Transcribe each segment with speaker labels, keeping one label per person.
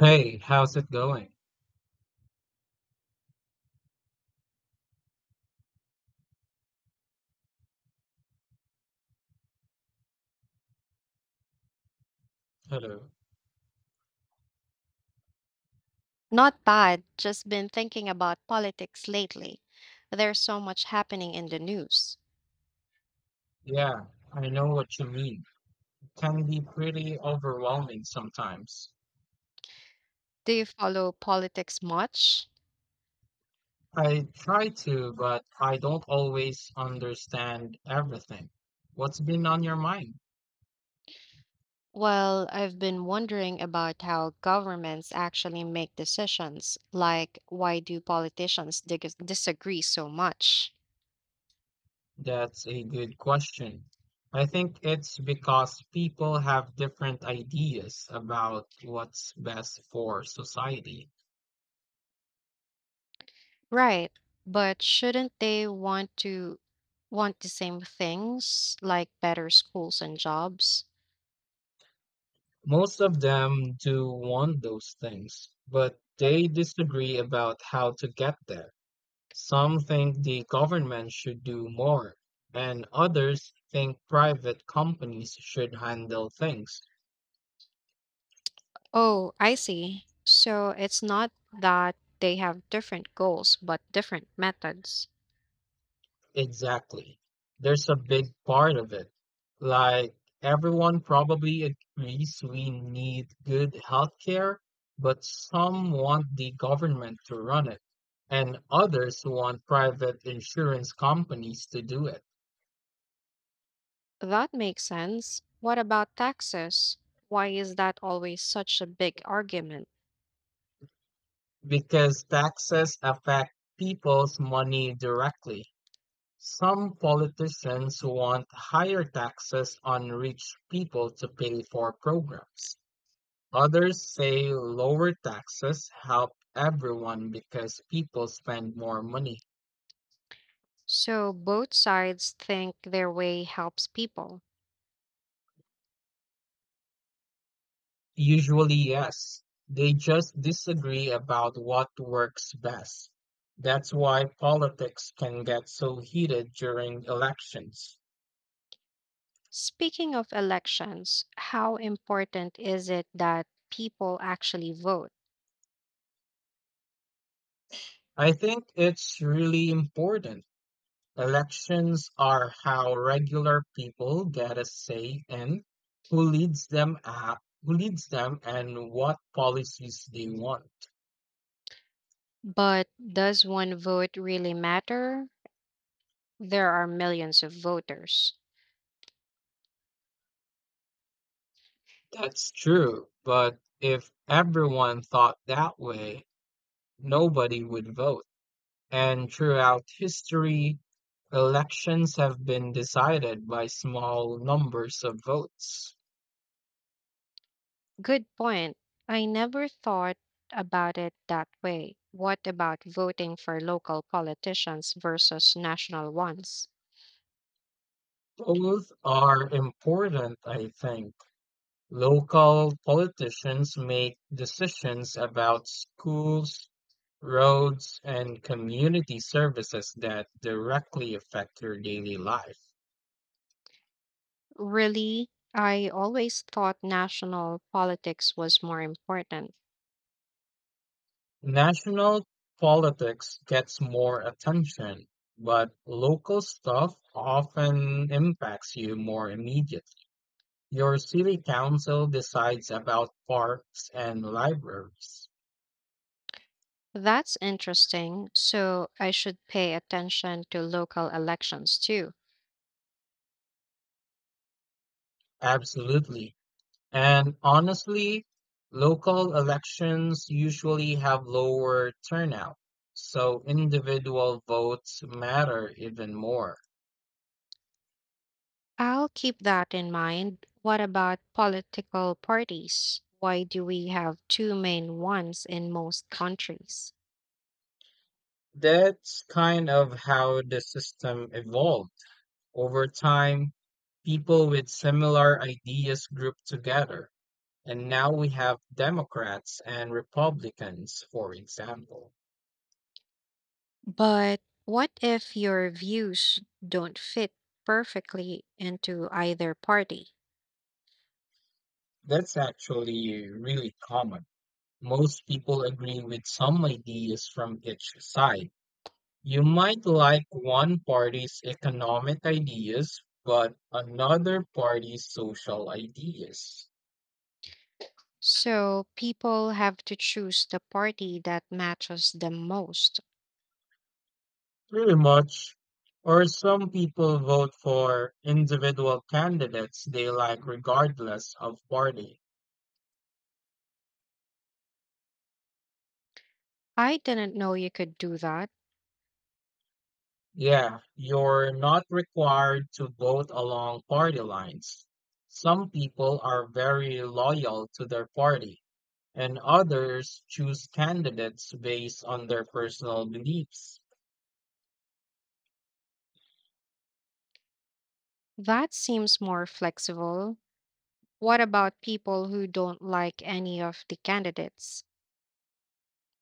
Speaker 1: Hey, how's it going? Hello.
Speaker 2: Not bad, just been thinking about politics lately. There's so much happening in the news.
Speaker 1: Yeah, I know what you mean. It can be pretty overwhelming sometimes.
Speaker 2: Do you follow politics much?
Speaker 1: I try to, but I don't always understand everything. What's been on your mind?
Speaker 2: Well, I've been wondering about how governments actually make decisions. Like, why do politicians disagree so much?
Speaker 1: That's a good question. I think it's because people have different ideas about what's best for society.
Speaker 2: Right, but shouldn't they want to want the same things, like better schools and jobs?
Speaker 1: Most of them do want those things, but they disagree about how to get there. Some think the government should do more, and others think private companies should handle things.
Speaker 2: Oh, I see. So it's not that they have different goals, but different methods.
Speaker 1: Exactly. There's a big part of it. Like, everyone probably agrees we need good healthcare, but some want the government to run it, and others want private insurance companies to do it
Speaker 2: That makes sense. What about taxes? Why is that always such a big argument?
Speaker 1: because taxes affect people's money directly. Some politicians want higher taxes on rich people to pay for programs. Others say lower taxes help everyone because people spend more money.
Speaker 2: So both sides think their way helps people.
Speaker 1: Usually, yes. They just disagree about what works best. That's why politics can get so heated during elections.
Speaker 2: Speaking of elections, how important is it that people actually vote?
Speaker 1: I think it's really important. Elections are how regular people get a say in who leads them a- who leads them and what policies they want.
Speaker 2: But does one vote really matter? There are millions of voters.
Speaker 1: That's true, but if everyone thought that way, nobody would vote. And throughout history, elections have been decided by small numbers of votes.
Speaker 2: Good point. I never thought about it that way. What about voting for local politicians versus national ones?
Speaker 1: Both are important, I think. Local politicians make decisions about schools, roads, and community services that directly affect your daily life.
Speaker 2: Really, I always thought national politics was more important.
Speaker 1: National politics gets more attention, but local stuff often impacts you more immediately. Your city council decides about parks and libraries.
Speaker 2: That's interesting. So I should pay attention to local elections too.
Speaker 1: Absolutely. And honestly, local elections usually have lower turnout, so individual votes matter even more.
Speaker 2: I'll keep that in mind. What about political parties? Why do we have two main ones in most countries?
Speaker 1: That's kind of how the system evolved. Over time, people with similar ideas grouped together, and now we have Democrats and Republicans, for example.
Speaker 2: But what if your views don't fit perfectly into either party?
Speaker 1: That's actually really common. Most people agree with some ideas from each side. You might like one party's economic ideas, but another party's social ideas.
Speaker 2: So people have to choose the party that matches them most.
Speaker 1: Pretty much. Or some people vote for individual candidates they like regardless of party.
Speaker 2: I didn't know you could do that.
Speaker 1: Yeah, you're not required to vote along party lines. Some people are very loyal to their party, and others choose candidates based on their personal beliefs.
Speaker 2: That seems more flexible. What about people who don't like any of the candidates?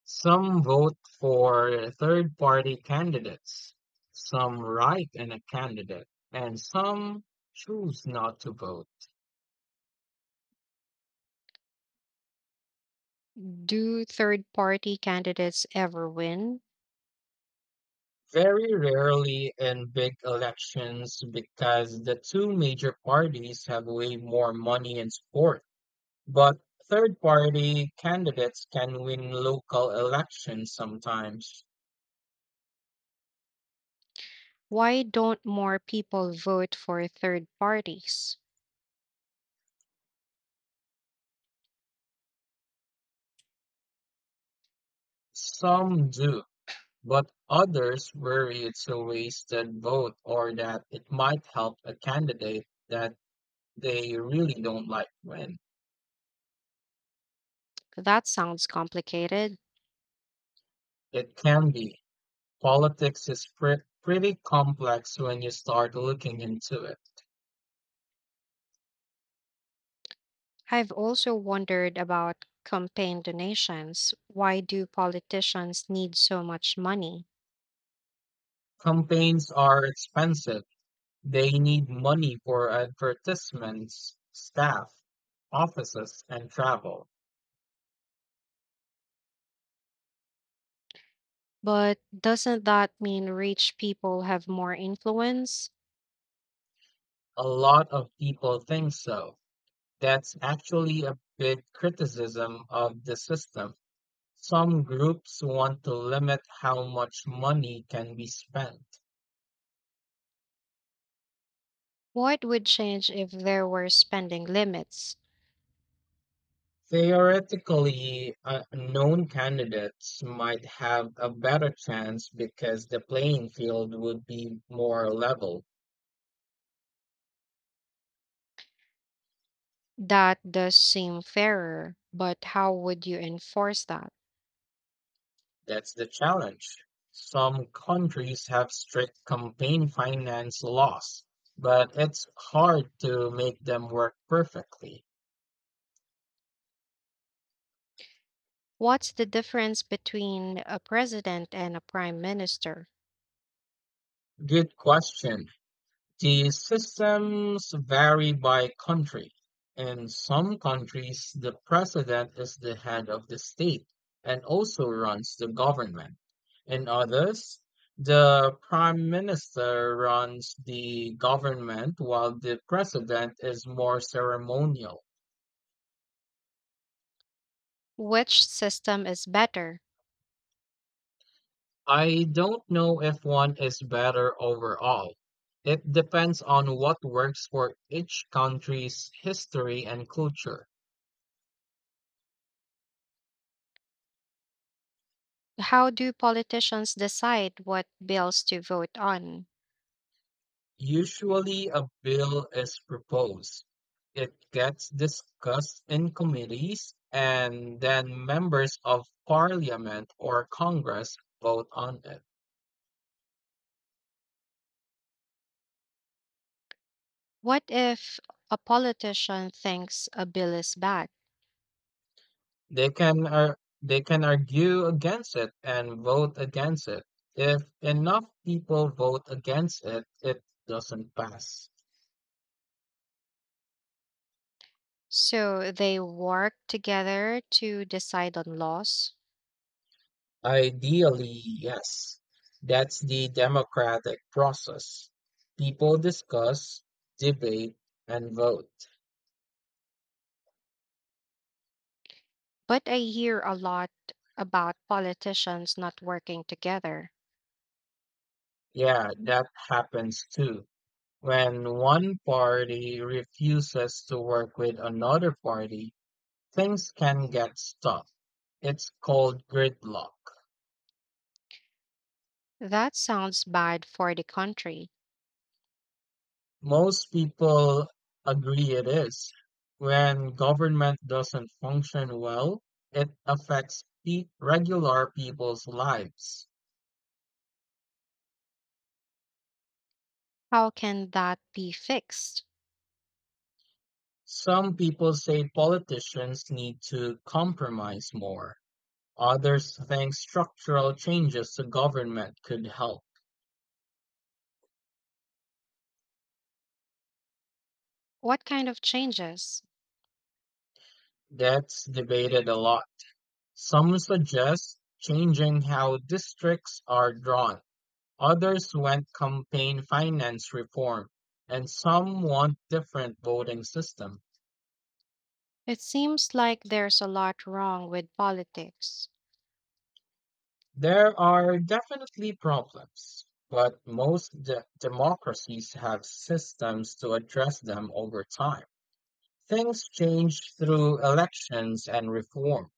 Speaker 1: Some vote for third-party candidates, some write in a candidate, and some choose not to vote.
Speaker 2: Do third party candidates ever win?
Speaker 1: Very rarely in big elections because the two major parties have way more money and support. But third-party candidates can win local elections sometimes.
Speaker 2: Why don't more people vote for third parties?
Speaker 1: Some do, but others worry it's a wasted vote or that it might help a candidate that they really don't like when
Speaker 2: That sounds complicated.
Speaker 1: it can be. Politics is pretty complex when you start looking into it.
Speaker 2: I've also wondered about campaign donations. Why do politicians need so much money?
Speaker 1: Campaigns are expensive. They need money for advertisements, staff, offices, and travel.
Speaker 2: But doesn't that mean rich people have more influence?
Speaker 1: A lot of people think so. That's actually a big criticism of the system. Some groups want to limit how much money can be spent.
Speaker 2: What would change if there were spending limits?
Speaker 1: Theoretically, known candidates might have a better chance because the playing field would be more level.
Speaker 2: That does seem fairer, but how would you enforce that?
Speaker 1: That's the challenge. Some countries have strict campaign finance laws, but it's hard to make them work perfectly.
Speaker 2: What's the difference between a president and a prime minister?
Speaker 1: Good question. The systems vary by country. In some countries, the president is the head of the state and also runs the government. In others, the prime minister runs the government while the president is more ceremonial.
Speaker 2: Which system is better?
Speaker 1: I don't know if one is better overall. It depends on what works for each country's history and culture.
Speaker 2: How do politicians decide what bills to vote on?
Speaker 1: Usually a bill is proposed. It gets discussed in committees and then members of parliament or Congress vote on it.
Speaker 2: What if a politician thinks a bill is bad?
Speaker 1: They can argue against it and vote against it. If enough people vote against it, it doesn't pass.
Speaker 2: So they work together to decide on laws.
Speaker 1: Ideally, yes. That's the democratic process. People discuss, debate, and vote.
Speaker 2: But I hear a lot about politicians not working together.
Speaker 1: Yeah, that happens too. When one party refuses to work with another party, things can get stuck. It's called gridlock.
Speaker 2: That sounds bad for the country.
Speaker 1: Most people agree it is. When government doesn't function well, it affects regular people's lives.
Speaker 2: How can that be fixed?
Speaker 1: Some people say politicians need to compromise more. Others think structural changes to government could help.
Speaker 2: What kind of changes?
Speaker 1: That's debated a lot. Some suggest changing how districts are drawn, others want campaign finance reform, and some want different voting system.
Speaker 2: It seems like there's a lot wrong with politics.
Speaker 1: There are definitely problems, but most democracies have systems to address them over time. Things change through elections and reform,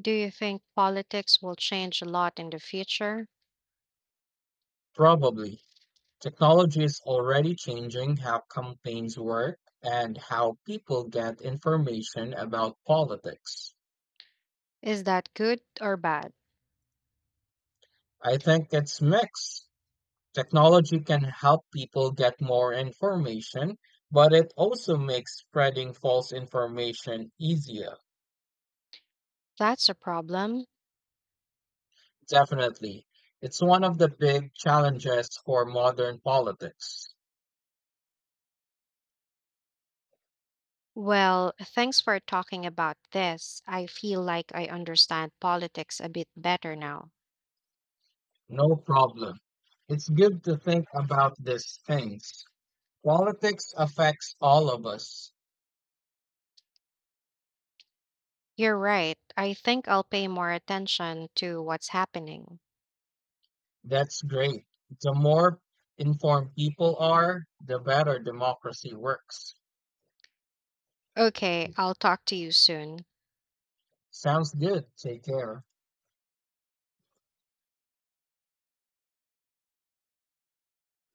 Speaker 2: Do you think politics will change a lot in the future?
Speaker 1: probably. Technology is already changing how campaigns work and how people get information about politics.
Speaker 2: Is that good or bad?
Speaker 1: I think it's mixed. Technology can help people get more information, but it also makes spreading false information easier.
Speaker 2: That's a problem.
Speaker 1: Definitely. It's one of the big challenges for modern politics.
Speaker 2: Well, thanks for talking about this. I feel like I understand politics a bit better now.
Speaker 1: No problem. It's good to think about these things. Politics affects all of us.
Speaker 2: You're right. I think I'll pay more attention to what's happening.
Speaker 1: That's great. The more informed people are, the better democracy works.
Speaker 2: Okay, I'll talk to you soon.
Speaker 1: Sounds good. Take care.